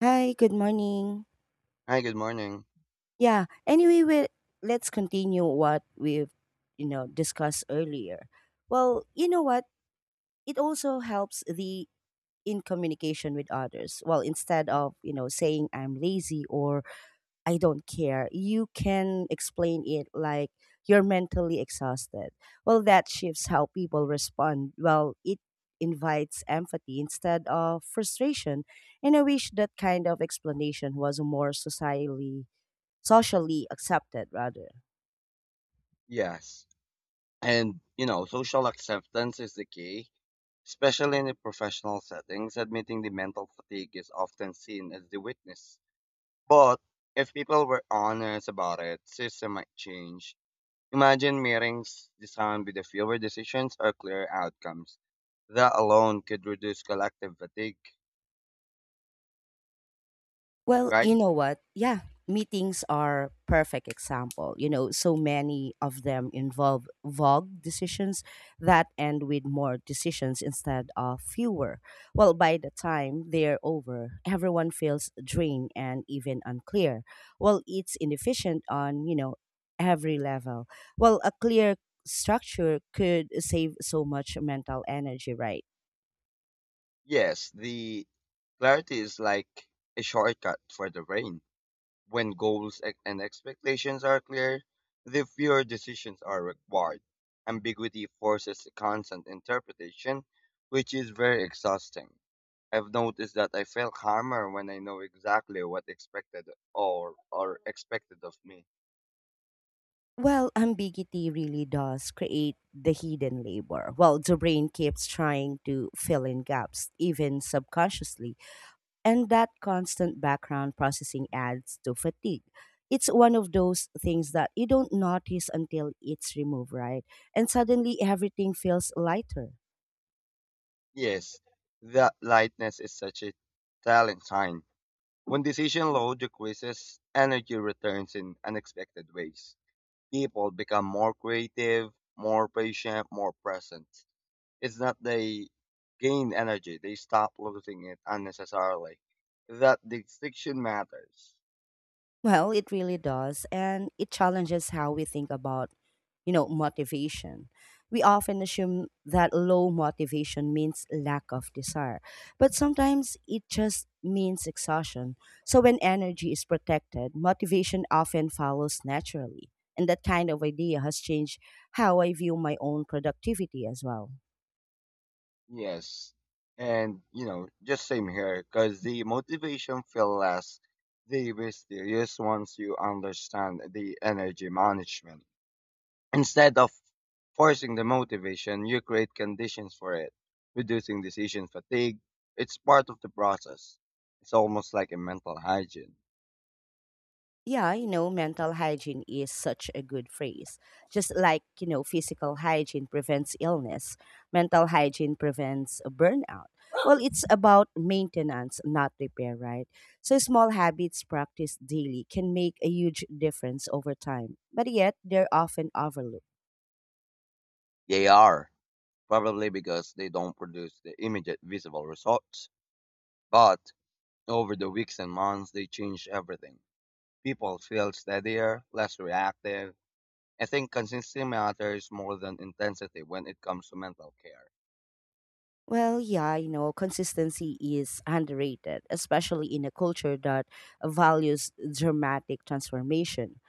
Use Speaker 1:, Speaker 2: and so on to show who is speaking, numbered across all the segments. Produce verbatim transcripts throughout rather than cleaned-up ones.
Speaker 1: Hi, good morning.
Speaker 2: Hi, good morning.
Speaker 1: Yeah, anyway, we let's continue what we've, you know, discussed earlier. Well, you know what? It also helps the in communication with others. Well, instead of, you know, saying I'm lazy or I don't care, you can explain it like you're mentally exhausted. Well, that shifts how people respond. Well, it invites empathy instead of frustration. And I wish that kind of explanation was more societally socially accepted rather.
Speaker 2: Yes. And, you know, social acceptance is the key, especially in the professional settings. Admitting the mental fatigue is often seen as the weakness. But if people were honest about it, system might change. Imagine meetings designed with the fewer decisions or clearer outcomes. That alone could reduce collective fatigue,
Speaker 1: Well,
Speaker 2: right?
Speaker 1: you know what? Yeah, meetings are perfect example. You know, so many of them involve vague decisions that end with more decisions instead of fewer. Well, by the time they're over, everyone feels drained and even unclear. Well, it's inefficient on, you know, every level. Well, a clear structure could save so much mental energy, right?
Speaker 2: Yes, the clarity is like a shortcut for the brain. When goals ex- and expectations are clear, the fewer decisions are required. Ambiguity forces constant interpretation, which is very exhausting. I've noticed that I feel calmer when I know exactly what expected or or expected of me.
Speaker 1: Well, ambiguity really does create the hidden labor. Well, the brain keeps trying to fill in gaps, even subconsciously, and that constant background processing adds to fatigue. It's one of those things that you don't notice until it's removed, right? And suddenly everything feels lighter.
Speaker 2: Yes, that lightness is such a telling sign. When decision load decreases, energy returns in unexpected ways. People become more creative, more patient, more present. Is that they gain energy. They stop losing it unnecessarily. That distinction matters.
Speaker 1: Well, it really does. And it challenges how we think about, you know, motivation. We often assume that low motivation means lack of desire, but sometimes it just means exhaustion. So when energy is protected, motivation often follows naturally. And that kind of idea has changed how I view my own productivity as well.
Speaker 2: Yes. And, you know, just same here, because the motivation feel less, the mysterious once you understand the energy management. Instead of forcing the motivation, you create conditions for it, reducing decision fatigue. It's part of the process. It's almost like a mental hygiene.
Speaker 1: yeah, you know, mental hygiene is such a good phrase. Just like, you know, physical hygiene prevents illness, mental hygiene prevents a burnout. Well, it's about maintenance, not repair, right? So, small habits practiced daily can make a huge difference over time, but yet they're often overlooked.
Speaker 2: They are. Probably because they don't produce the immediate visible results. But over the weeks and months, they change everything. People feel steadier, less reactive. I think consistency matters more than intensity when it comes to mental care.
Speaker 1: Well, yeah, you know, consistency is underrated, especially in a culture that values dramatic transformation.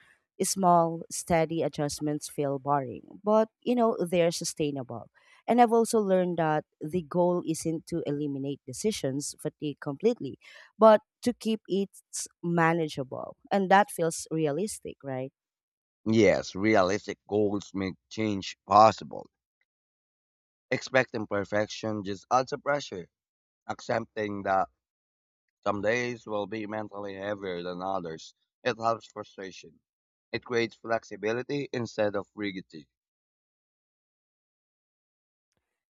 Speaker 1: Small, steady adjustments feel boring, but, you know, they're sustainable. And I've also learned that the goal isn't to eliminate decisions fatigue completely, but to keep it manageable. And that feels realistic, right?
Speaker 2: Yes, realistic goals make change possible. Expecting perfection just adds a pressure. Accepting that some days will be mentally heavier than others, it helps frustration. It creates flexibility instead of rigidity.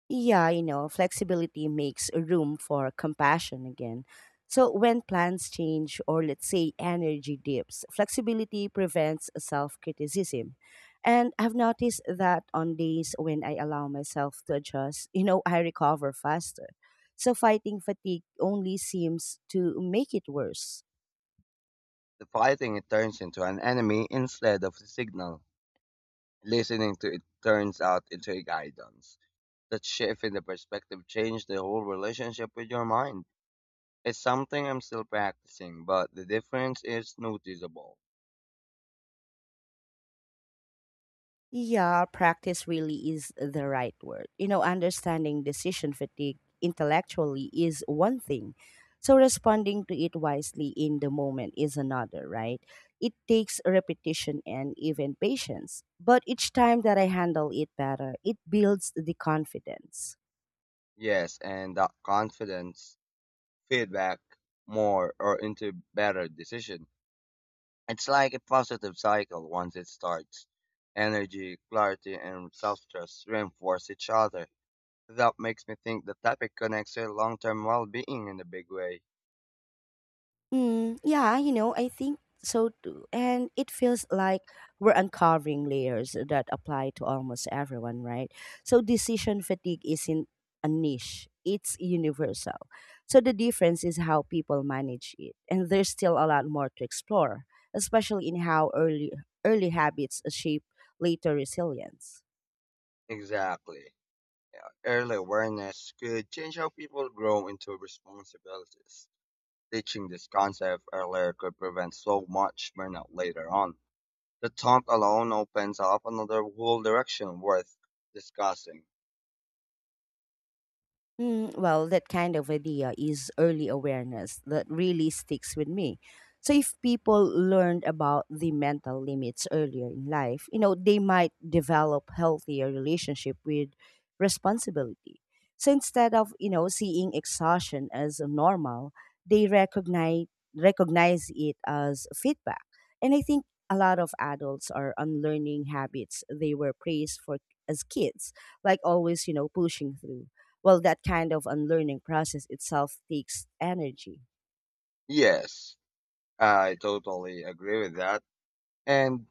Speaker 1: Yeah, you know, flexibility makes room for compassion again. So when plans change or let's say energy dips, flexibility prevents self-criticism. And I've noticed that on days when I allow myself to adjust, you know, I recover faster. So fighting fatigue only seems to make it worse.
Speaker 2: The fighting it turns into an enemy instead of the signal. Listening to it turns out into a guidance. That shift in the perspective changed the whole relationship with your mind. It's something I'm still practicing, but the difference is noticeable.
Speaker 1: Yeah, practice really is the right word. You know, understanding decision fatigue intellectually is one thing. So responding to it wisely in the moment is another, right? It takes repetition and even patience. But each time that I handle it better, it builds the confidence.
Speaker 2: Yes, and that confidence, feedback, more or into better decision. It's like a positive cycle once it starts. Energy, clarity, and self-trust reinforce each other. That makes me think the topic connects to long-term well-being in a big way.
Speaker 1: Mm, yeah, you know, I think so too. And it feels like we're uncovering layers that apply to almost everyone, right? So decision fatigue isn't a niche, it's universal. So the difference is how people manage it. And there's still a lot more to explore, especially in how early early habits shape later resilience.
Speaker 2: Exactly. Yeah, early awareness could change how people grow into responsibilities. Teaching this concept earlier could prevent so much burnout later on. The thought alone opens up another whole direction worth discussing.
Speaker 1: Mm, well, that kind of idea is early awareness that really sticks with me. So, if people learned about the mental limits earlier in life, you know, they might develop healthier relationship with responsibility. So instead of you know seeing exhaustion as normal, they recognize recognize it as feedback. And I think a lot of adults are unlearning habits they were praised for as kids, like always you know pushing through. Well, that kind of unlearning process itself takes energy.
Speaker 2: Yes, I totally agree with that. And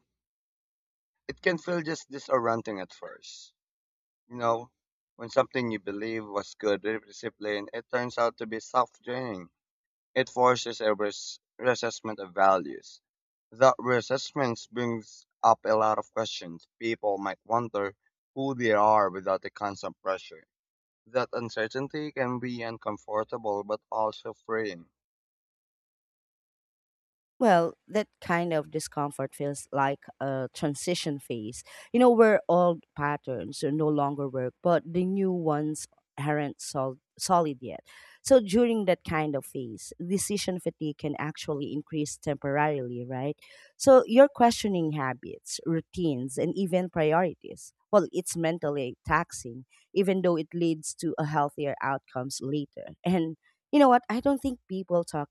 Speaker 2: it can feel just disorienting at first. You know, when something you believe was good discipline, it turns out to be self-draining. It forces a res- reassessment of values. That reassessment brings up a lot of questions. People might wonder who they are without the constant pressure. That uncertainty can be uncomfortable but also freeing.
Speaker 1: Well, that kind of discomfort feels like a transition phase, you know, where old patterns are no longer work, but the new ones aren't sol- solid yet. So during that kind of phase, decision fatigue can actually increase temporarily, right? So you're questioning habits, routines, and even priorities. Well, it's mentally taxing, even though it leads to a healthier outcomes later. And you know what? I don't think people talk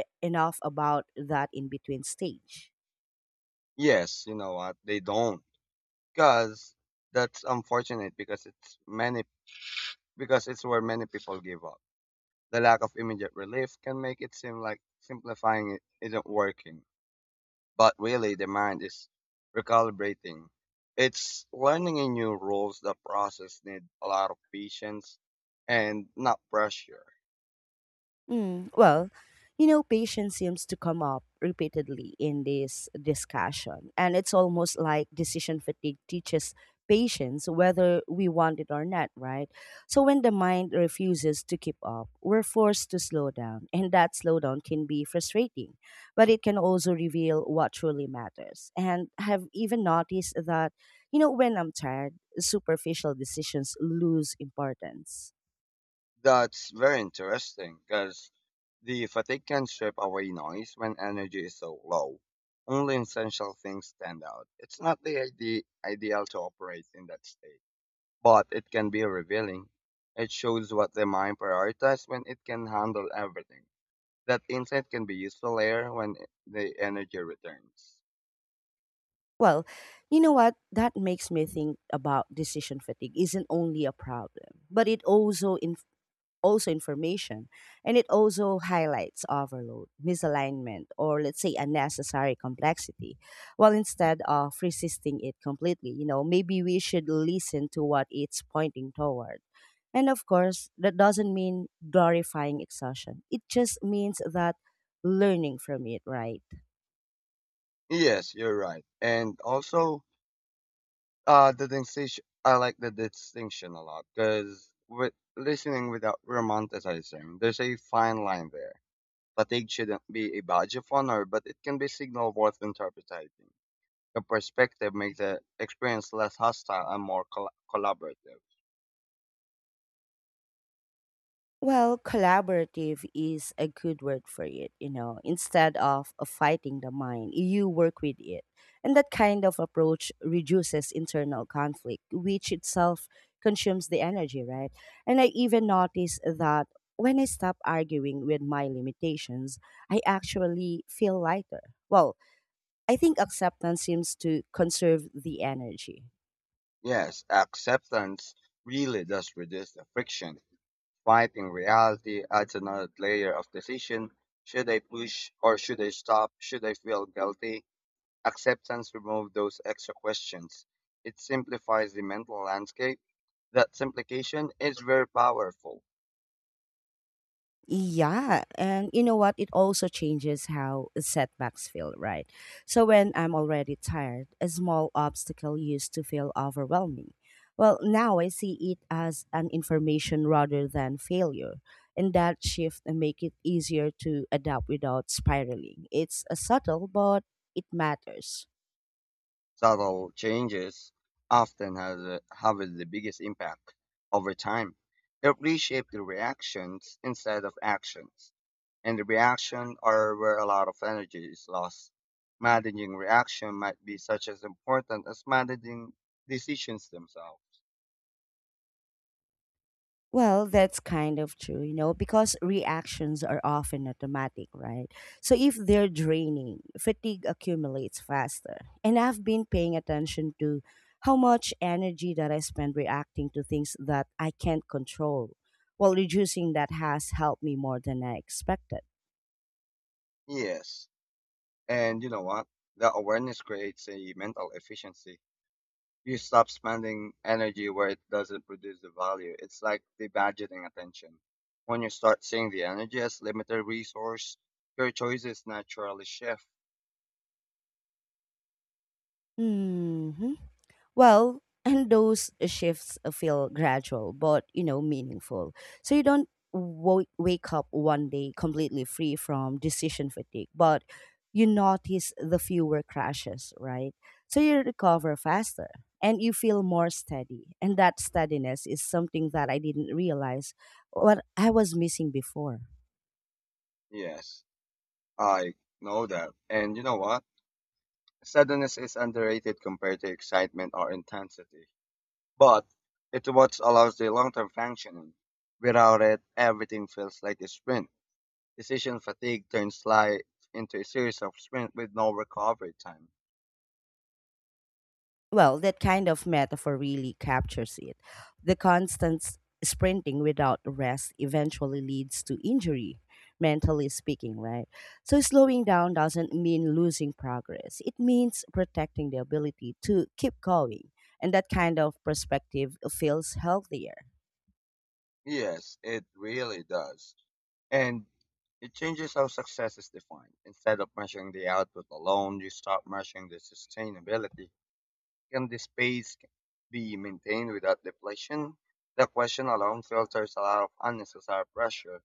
Speaker 1: e- enough about that in between stage.
Speaker 2: Yes, you know what? They don't. Because that's unfortunate because it's many because it's where many people give up. The lack of immediate relief can make it seem like simplifying it isn't working, but really the mind is recalibrating. It's learning in new rules. The process need a lot of patience and not pressure.
Speaker 1: Mm, well, you know, patience seems to come up repeatedly in this discussion, and it's almost like decision fatigue teaches patience whether we want it or not, right? So when the mind refuses to keep up, we're forced to slow down, and that slowdown can be frustrating, but it can also reveal what truly matters. And I have even noticed that, you know, when I'm tired, superficial decisions lose importance.
Speaker 2: That's very interesting because the fatigue can strip away noise when energy is so low. Only essential things stand out. It's not the ide- ideal to operate in that state, but it can be revealing. It shows what the mind prioritizes when it can handle everything. That insight can be useful later when i- the energy returns.
Speaker 1: Well, you know what? That makes me think about decision fatigue isn't only a problem, but it also in also information and it also highlights overload, misalignment, or let's say unnecessary complexity. Well, instead of resisting it completely, you know, maybe we should listen to what it's pointing toward. And of course, that doesn't mean glorifying exhaustion. It just means that learning from it, right?
Speaker 2: Yes, you're right. And also, uh, the distinction, I like the distinction a lot because with listening without romanticizing, there's a fine line there. Fatigue shouldn't be a badge of honor, but it can be signal worth interpreting. The perspective makes the experience less hostile and more col- collaborative.
Speaker 1: Well, collaborative is a good word for it, you know. Instead of uh, fighting the mind, you work with it. And that kind of approach reduces internal conflict, which itself consumes the energy, right? And I even noticed that when I stop arguing with my limitations, I actually feel lighter. Well, I think acceptance seems to conserve the energy.
Speaker 2: Yes, acceptance really does reduce the friction. Fighting reality adds another layer of decision. Should I push or should I stop? Should I feel guilty? Acceptance removes those extra questions. It simplifies the mental landscape. That simplification is very powerful.
Speaker 1: Yeah, and you know what? It also changes how setbacks feel, right? So when I'm already tired, a small obstacle used to feel overwhelming. Well, now I see it as an information rather than failure, and that shift make it easier to adapt without spiraling. It's a subtle, but it matters.
Speaker 2: Subtle changes often has a, have the biggest impact over time. It reshapes the reactions instead of actions. And the reaction are where a lot of energy is lost. Managing reaction might be such as important as managing decisions themselves.
Speaker 1: Well, that's kind of true, you know, because reactions are often automatic, right? So if they're draining, fatigue accumulates faster. And I've been paying attention to how much energy that I spend reacting to things that I can't control. While reducing that has helped me more than I expected.
Speaker 2: Yes. And you know what? The awareness creates a mental efficiency. You stop spending energy where it doesn't produce the value. It's like the budgeting attention. When you start seeing the energy as limited resource, your choices naturally shift.
Speaker 1: Hmm. Well, and those shifts feel gradual, but you know, meaningful. So you don't wo- wake up one day completely free from decision fatigue, but you notice the fewer crashes, right? So you recover faster and you feel more steady. And that steadiness is something that I didn't realize what I was missing before.
Speaker 2: Yes, I know that. And you know what? Sadness is underrated compared to excitement or intensity, but it's what allows the long-term functioning. Without it, everything feels like a sprint. Decision fatigue turns life into a series of sprints with no recovery time.
Speaker 1: Well, that kind of metaphor really captures it. The constant s- sprinting without rest eventually leads to injury, mentally speaking, right? So, slowing down doesn't mean losing progress, it means protecting the ability to keep going. And that kind of perspective feels healthier.
Speaker 2: Yes, it really does. And it changes how success is defined. Instead of measuring the output alone, you start measuring the sustainability. Can the space be maintained without depletion? That question alone filters a lot of unnecessary pressure.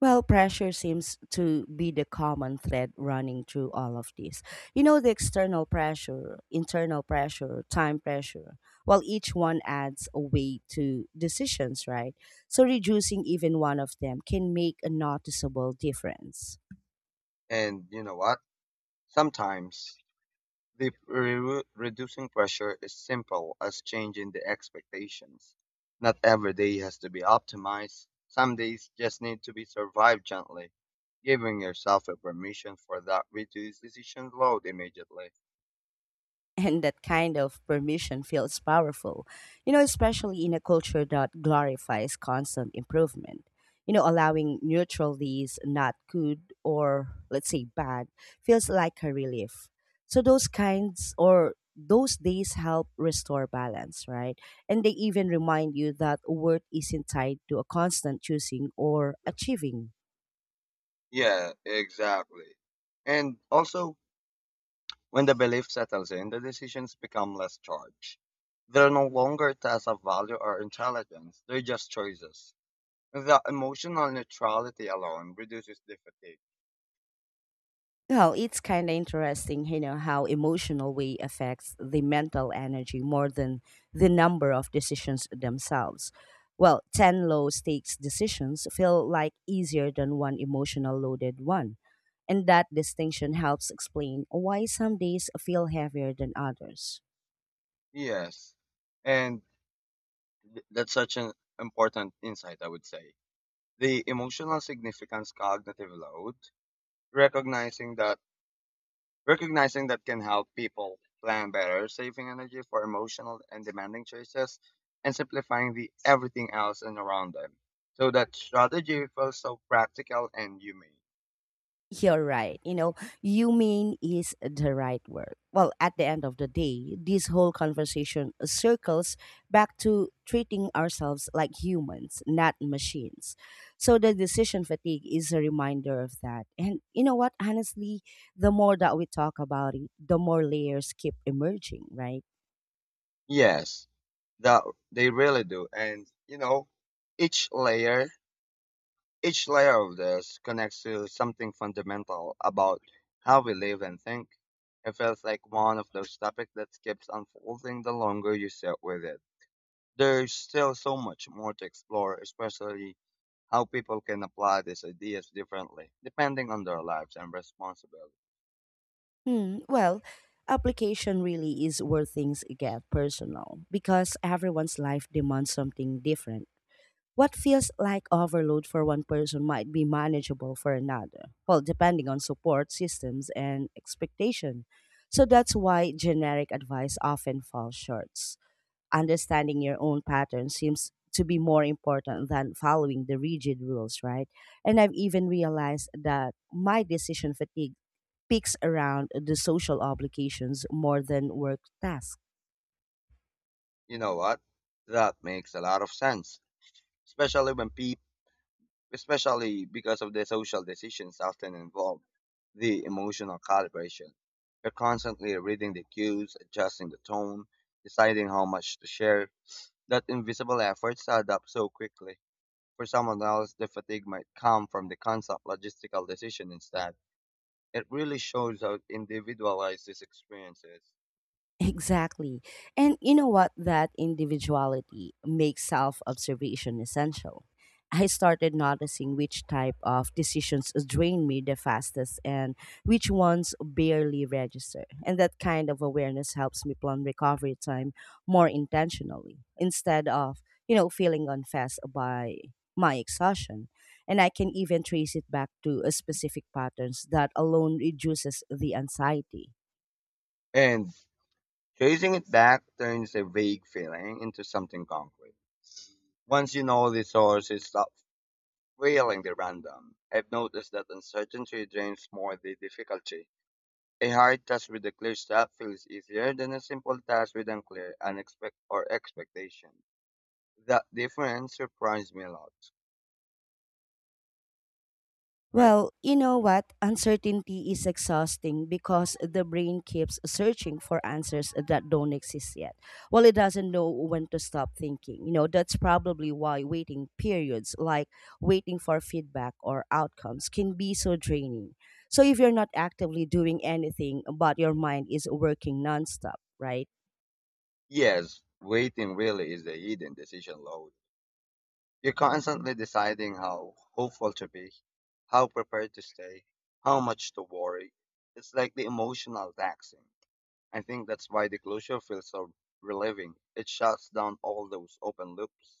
Speaker 1: Well, pressure seems to be the common thread running through all of this. You know, the external pressure, internal pressure, time pressure, while each one adds a weight to decisions, right? So reducing even one of them can make a noticeable difference.
Speaker 2: And you know what? Sometimes the re- reducing pressure is simple as changing the expectations. Not every day has to be optimized. Some days just need to be survived gently. Giving yourself a permission for that reduced decision load immediately.
Speaker 1: And that kind of permission feels powerful, you know, especially in a culture that glorifies constant improvement. You know, allowing neutralities not good or let's say bad feels like a relief. So those kinds or those days help restore balance, right? And they even remind you that worth isn't tied to a constant choosing or achieving.
Speaker 2: Yeah, exactly. And also, when the belief settles in, the decisions become less charged. They're no longer tests of value or intelligence, they're just choices. The emotional neutrality alone reduces the fatigue.
Speaker 1: Well, it's kind of interesting, you know, how emotional way affects the mental energy more than the number of decisions themselves. Well, ten low stakes decisions feel like easier than one emotional loaded one. And that distinction helps explain why some days feel heavier than others.
Speaker 2: Yes, and th- that's such an important insight, I would say. The emotional significance cognitive load, recognizing that recognizing that can help people plan better, saving energy for emotional and demanding choices, and simplifying the everything else and around them. So that strategy feels so practical and humane.
Speaker 1: You're right. You know, you mean is the right word. Well, at the end of the day, this whole conversation circles back to treating ourselves like humans, not machines. So the decision fatigue is a reminder of that. And you know what? Honestly, the more that we talk about it, the more layers keep emerging, right?
Speaker 2: Yes, that they really do. And you know, each layer, each layer of this connects to something fundamental about how we live and think. It feels like one of those topics that keeps unfolding the longer you sit with it. There's still so much more to explore, especially how people can apply these ideas differently, depending on their lives and responsibilities.
Speaker 1: Hmm. Well, application really is where things get personal because everyone's life demands something different. What feels like overload for one person might be manageable for another, well, depending on support systems and expectation. So that's why generic advice often falls short. Understanding your own pattern seems to be more important than following the rigid rules, right? And I've even realized that my decision fatigue peaks around the social obligations more than work tasks.
Speaker 2: You know what? That makes a lot of sense, especially when people, especially because of the social decisions often involve the emotional calibration. You're constantly reading the cues, adjusting the tone, deciding how much to share. That invisible efforts add up so quickly. For someone else, the fatigue might come from the constant logistical decision instead. It really shows how individualized this experience is.
Speaker 1: Exactly. And you know what? That individuality makes self observation essential. I started noticing which type of decisions drain me the fastest and which ones barely register. And that kind of awareness helps me plan recovery time more intentionally instead of, you know, feeling unfazed by my exhaustion. And I can even trace it back to uh, specific patterns that alone reduces the anxiety.
Speaker 2: And tracing it back turns a vague feeling into something concrete. Once you know the source, you stop feeling the random. I've noticed that uncertainty drains more the difficulty. A hard task with a clear step feels easier than a simple task with unclear unexpect or expectation. That difference surprised me a lot, right?
Speaker 1: Well, you know what? Uncertainty is exhausting because the brain keeps searching for answers that don't exist yet. Well, it doesn't know when to stop thinking. You know, that's probably why waiting periods, like waiting for feedback or outcomes, can be so draining. So, if you're not actively doing anything, but your mind is working nonstop, right?
Speaker 2: Yes, waiting really is a hidden decision load. You're constantly deciding how hopeful to be, how prepared to stay, how much to worry. It's like the emotional taxing. I think that's why the closure feels so relieving. It shuts down all those open loops.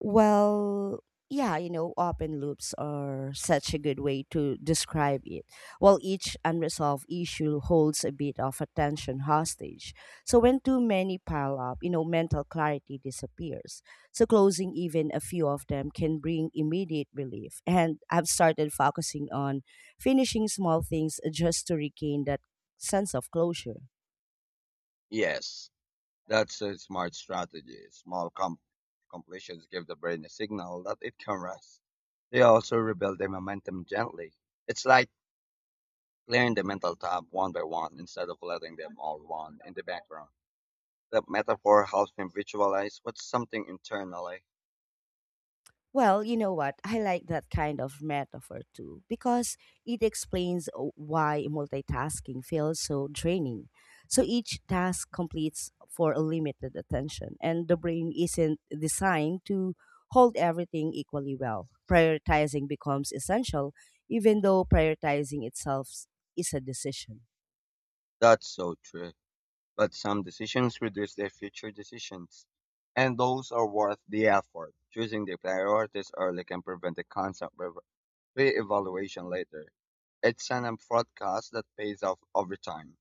Speaker 1: Well, yeah, you know, open loops are such a good way to describe it. While each unresolved issue holds a bit of attention hostage. So when too many pile up, you know, mental clarity disappears. So closing even a few of them can bring immediate relief. And I've started focusing on finishing small things just to regain that sense of closure.
Speaker 2: Yes, that's a smart strategy. Small com- completions give the brain a signal that it can rest. They also rebuild the momentum gently. It's like clearing the mental tab one by one instead of letting them all run in the background. That metaphor helps me visualize what's something internally.
Speaker 1: Well, you know what? I like that kind of metaphor too because it explains o- why multitasking feels so draining. So each task completes for a limited attention, and the brain isn't designed to hold everything equally well. Prioritizing becomes essential, even though prioritizing itself is a decision.
Speaker 2: That's so true. But some decisions reduce their future decisions. And those are worth the effort. Choosing the priorities early can prevent the constant re- re-evaluation later. It's an broadcast that pays off over time.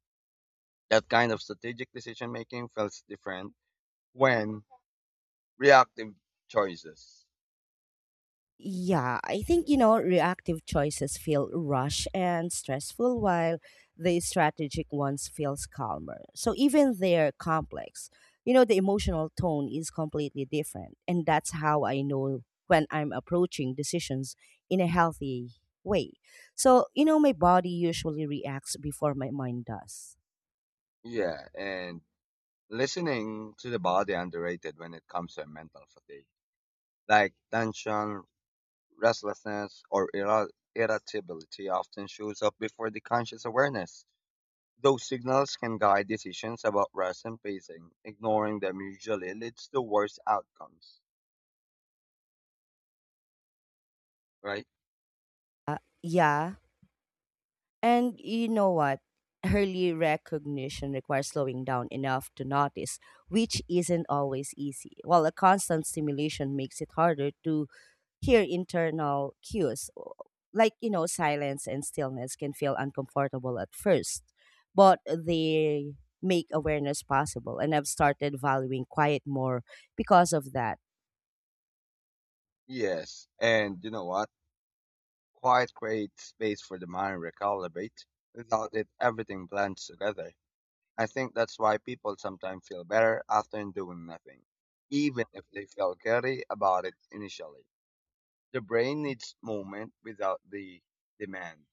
Speaker 2: That kind of strategic decision making feels different when reactive choices.
Speaker 1: Yeah, I think, you know, reactive choices feel rushed and stressful while the strategic ones feels calmer. So even they're complex. You know, the emotional tone is completely different. And that's how I know when I'm approaching decisions in a healthy way. So, you know, my body usually reacts before my mind does.
Speaker 2: Yeah, and listening to the body underrated when it comes to mental fatigue. Like tension, restlessness, or irri- irritability often shows up before the conscious awareness. Those signals can guide decisions about rest and pacing. Ignoring them usually leads to worse outcomes, right?
Speaker 1: Yeah, and you know what? Early recognition requires slowing down enough to notice, which isn't always easy. While a constant stimulation makes it harder to hear internal cues, like, you know, silence and stillness can feel uncomfortable at first, but they make awareness possible. And I've started valuing quiet more because of that.
Speaker 2: Yes, and you know what? Quiet creates space for the mind to recalibrate. Without it, everything blends together. I think that's why people sometimes feel better after doing nothing, even if they felt guilty about it initially. The brain needs movement without the demand.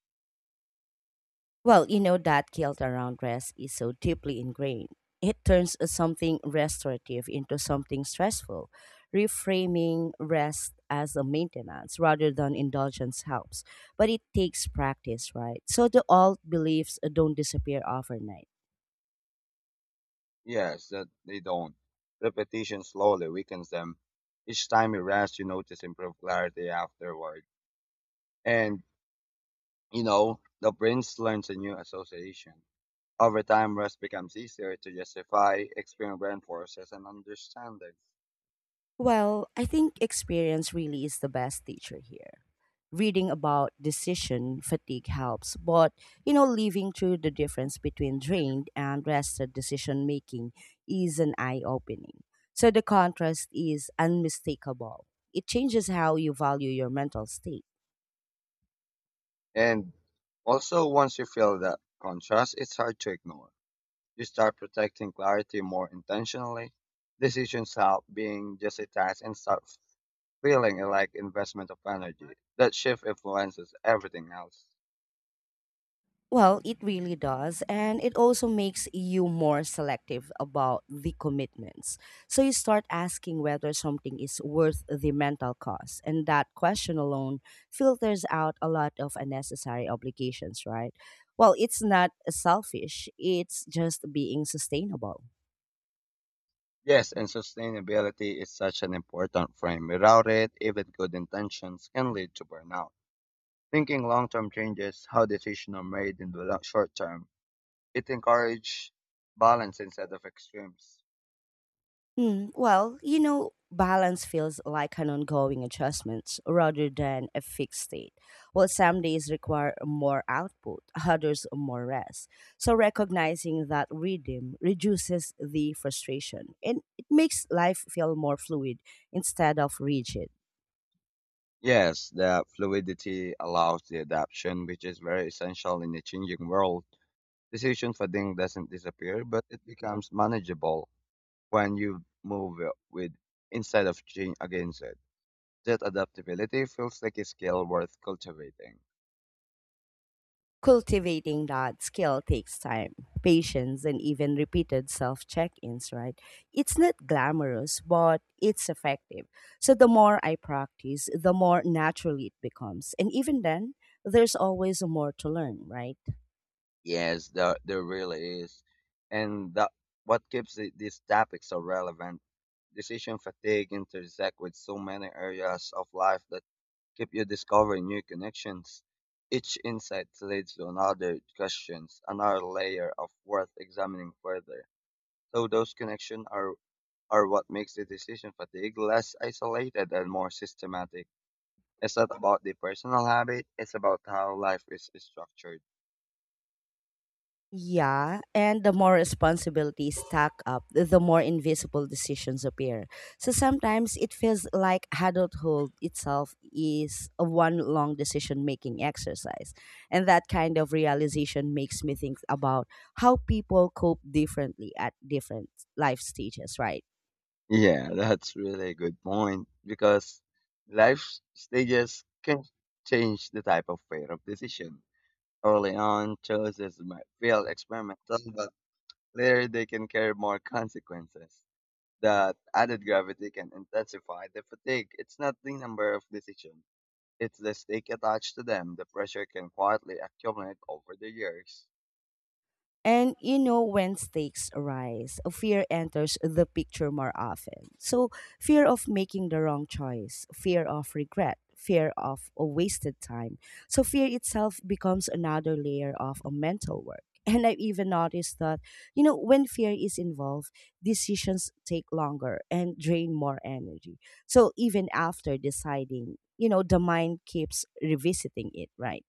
Speaker 1: Well, you know that guilt around rest is so deeply ingrained. It turns something restorative into something stressful. Reframing rest as a maintenance rather than indulgence helps, but it takes practice, right? So the old beliefs don't disappear overnight.
Speaker 2: Yes, that they don't. Repetition slowly weakens them. Each time you rest, you notice improved clarity afterward. And, you know, the brain learns a new association. Over time, rest becomes easier to justify, experience reinforces, and understanding.
Speaker 1: Well, I think experience really is the best teacher here. Reading about decision fatigue helps, but you know, living through the difference between drained and rested decision making is an eye opening. So the contrast is unmistakable. It changes how you value your mental state.
Speaker 2: And also, once you feel that contrast, it's hard to ignore. You start protecting clarity more intentionally. Decisions stop being just a task and start feeling like investment of energy. That shift influences everything else.
Speaker 1: Well, it really does. And it also makes you more selective about the commitments. So you start asking whether something is worth the mental cost. And that question alone filters out a lot of unnecessary obligations, right? Well, it's not selfish, it's just being sustainable.
Speaker 2: Yes, and sustainability is such an important frame. Without it, even good intentions can lead to burnout. Thinking long term changes how decisions are made in the short term. It encourages balance instead of extremes.
Speaker 1: Hmm. Well, you know, balance feels like an ongoing adjustment rather than a fixed state. Well, some days require more output, others more rest. So recognizing that rhythm reduces the frustration and it makes life feel more fluid instead of rigid.
Speaker 2: Yes, the fluidity allows the adaptation, which is very essential in a changing world. Decision fatigue doesn't disappear, but it becomes manageable when you move with instead of change against it. That adaptability feels like a skill worth cultivating.
Speaker 1: Cultivating that skill takes time, patience, and even repeated self check ins, right? It's not glamorous, but it's effective. So the more I practice, the more naturally it becomes. And even then, there's always more to learn, right?
Speaker 2: Yes, there, there really is. And that, what keeps the, these topics so relevant, decision fatigue intersect with so many areas of life that keep you discovering new connections. Each insight leads to another questions, another layer of worth examining further. So those connections are are what makes the decision fatigue less isolated and more systematic. It's not about the personal habit, it's about how life is structured.
Speaker 1: Yeah, and the more responsibilities stack up, the more invisible decisions appear. So sometimes it feels like adulthood itself is a one long decision making exercise. And that kind of realization makes me think about how people cope differently at different life stages, right?
Speaker 2: Yeah, that's really a good point because life stages can change the type of pair of decision. Early on, choices might feel experimental, but later they can carry more consequences. That added gravity can intensify the fatigue. It's not the number of decisions if the stake attached to them, the pressure can quietly accumulate over the years.
Speaker 1: And you know, when stakes rise, fear enters the picture more often. So, fear of making the wrong choice, fear of regret, fear of a wasted time. So, fear itself becomes another layer of a mental work. And I've even noticed that, you know, when fear is involved, decisions take longer and drain more energy. So, even after deciding, you know, the mind keeps revisiting it, right?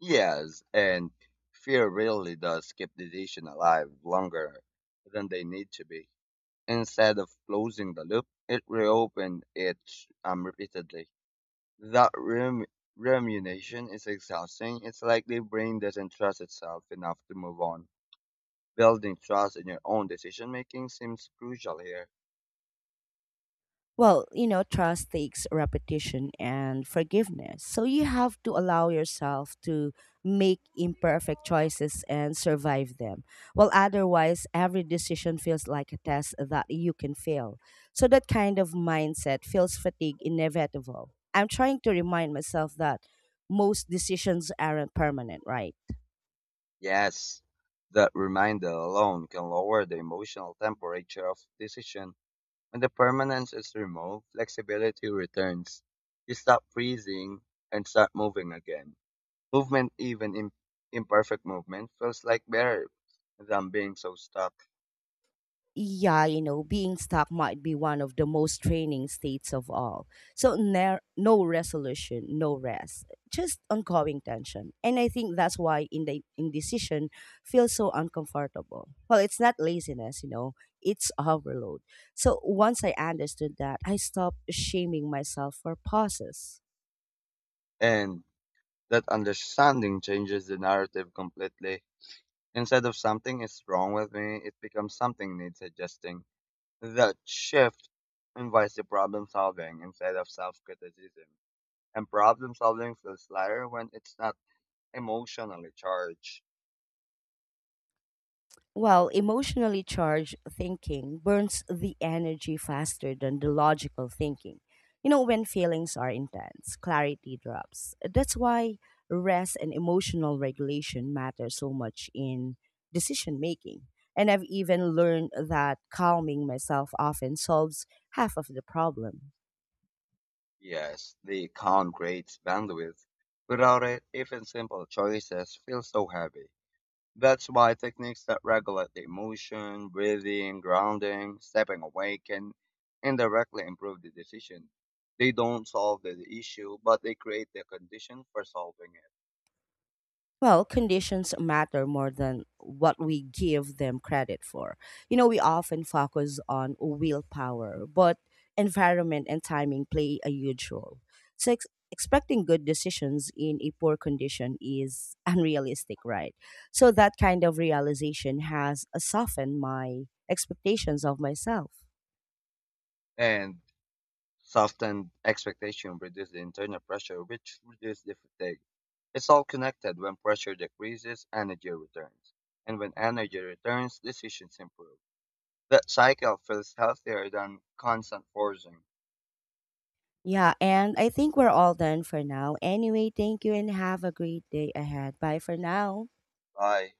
Speaker 2: Yes, and fear really does keep the nation alive longer than they need to be. Instead of closing the loop, it reopened it, um, repeatedly. That rem- rumination is exhausting. It's like the brain doesn't trust itself enough to move on. Building trust in your own decision making seems crucial here.
Speaker 1: Well, you know, trust takes repetition and forgiveness. So you have to allow yourself to make imperfect choices and survive them. Well, otherwise, every decision feels like a test that you can fail. So that kind of mindset feels fatigue inevitable. I'm trying to remind myself that most decisions aren't permanent, right?
Speaker 2: Yes, that reminder alone can lower the emotional temperature of decision. When the permanence is removed, flexibility returns. You stop freezing and start moving again. Movement, even im- imperfect movement, feels like better than being so stuck.
Speaker 1: Yeah, you know, being stuck might be one of the most draining states of all. So ner- no resolution, no rest, just ongoing tension. And I think that's why in the indecision feels so uncomfortable. Well, it's not laziness, you know, it's overload. So once I understood that, I stopped shaming myself for pauses.
Speaker 2: And that understanding changes the narrative completely. Instead of something is wrong with me, it becomes something needs adjusting. That shift invites the problem solving instead of self criticism, and problem solving feels lighter when it's not emotionally charged.
Speaker 1: Well, emotionally charged thinking burns the energy faster than the logical thinking. You know, when feelings are intense, clarity drops. That's why rest and emotional regulation matter so much in decision making. And I've even learned that calming myself often solves half of the problem.
Speaker 2: Yes, the calm creates bandwidth. Without it, even simple choices feel so heavy. That's why techniques that regulate the emotion, breathing, grounding, stepping away can indirectly improve the decision. They don't solve the issue, but they create the condition for solving it.
Speaker 1: Well, conditions matter more than what we give them credit for. You know, we often focus on willpower, but environment and timing play a huge role. So, ex- expecting good decisions in a poor condition is unrealistic, right? So, that kind of realization has softened my expectations of myself.
Speaker 2: And softened expectation reduces the internal pressure, which reduces the fatigue. It's all connected. When pressure decreases, energy returns. And when energy returns, decisions improve. That cycle feels healthier than constant forcing.
Speaker 1: Yeah, and I think we're all done for now. Anyway, thank you and have a great day ahead. Bye for now.
Speaker 2: Bye.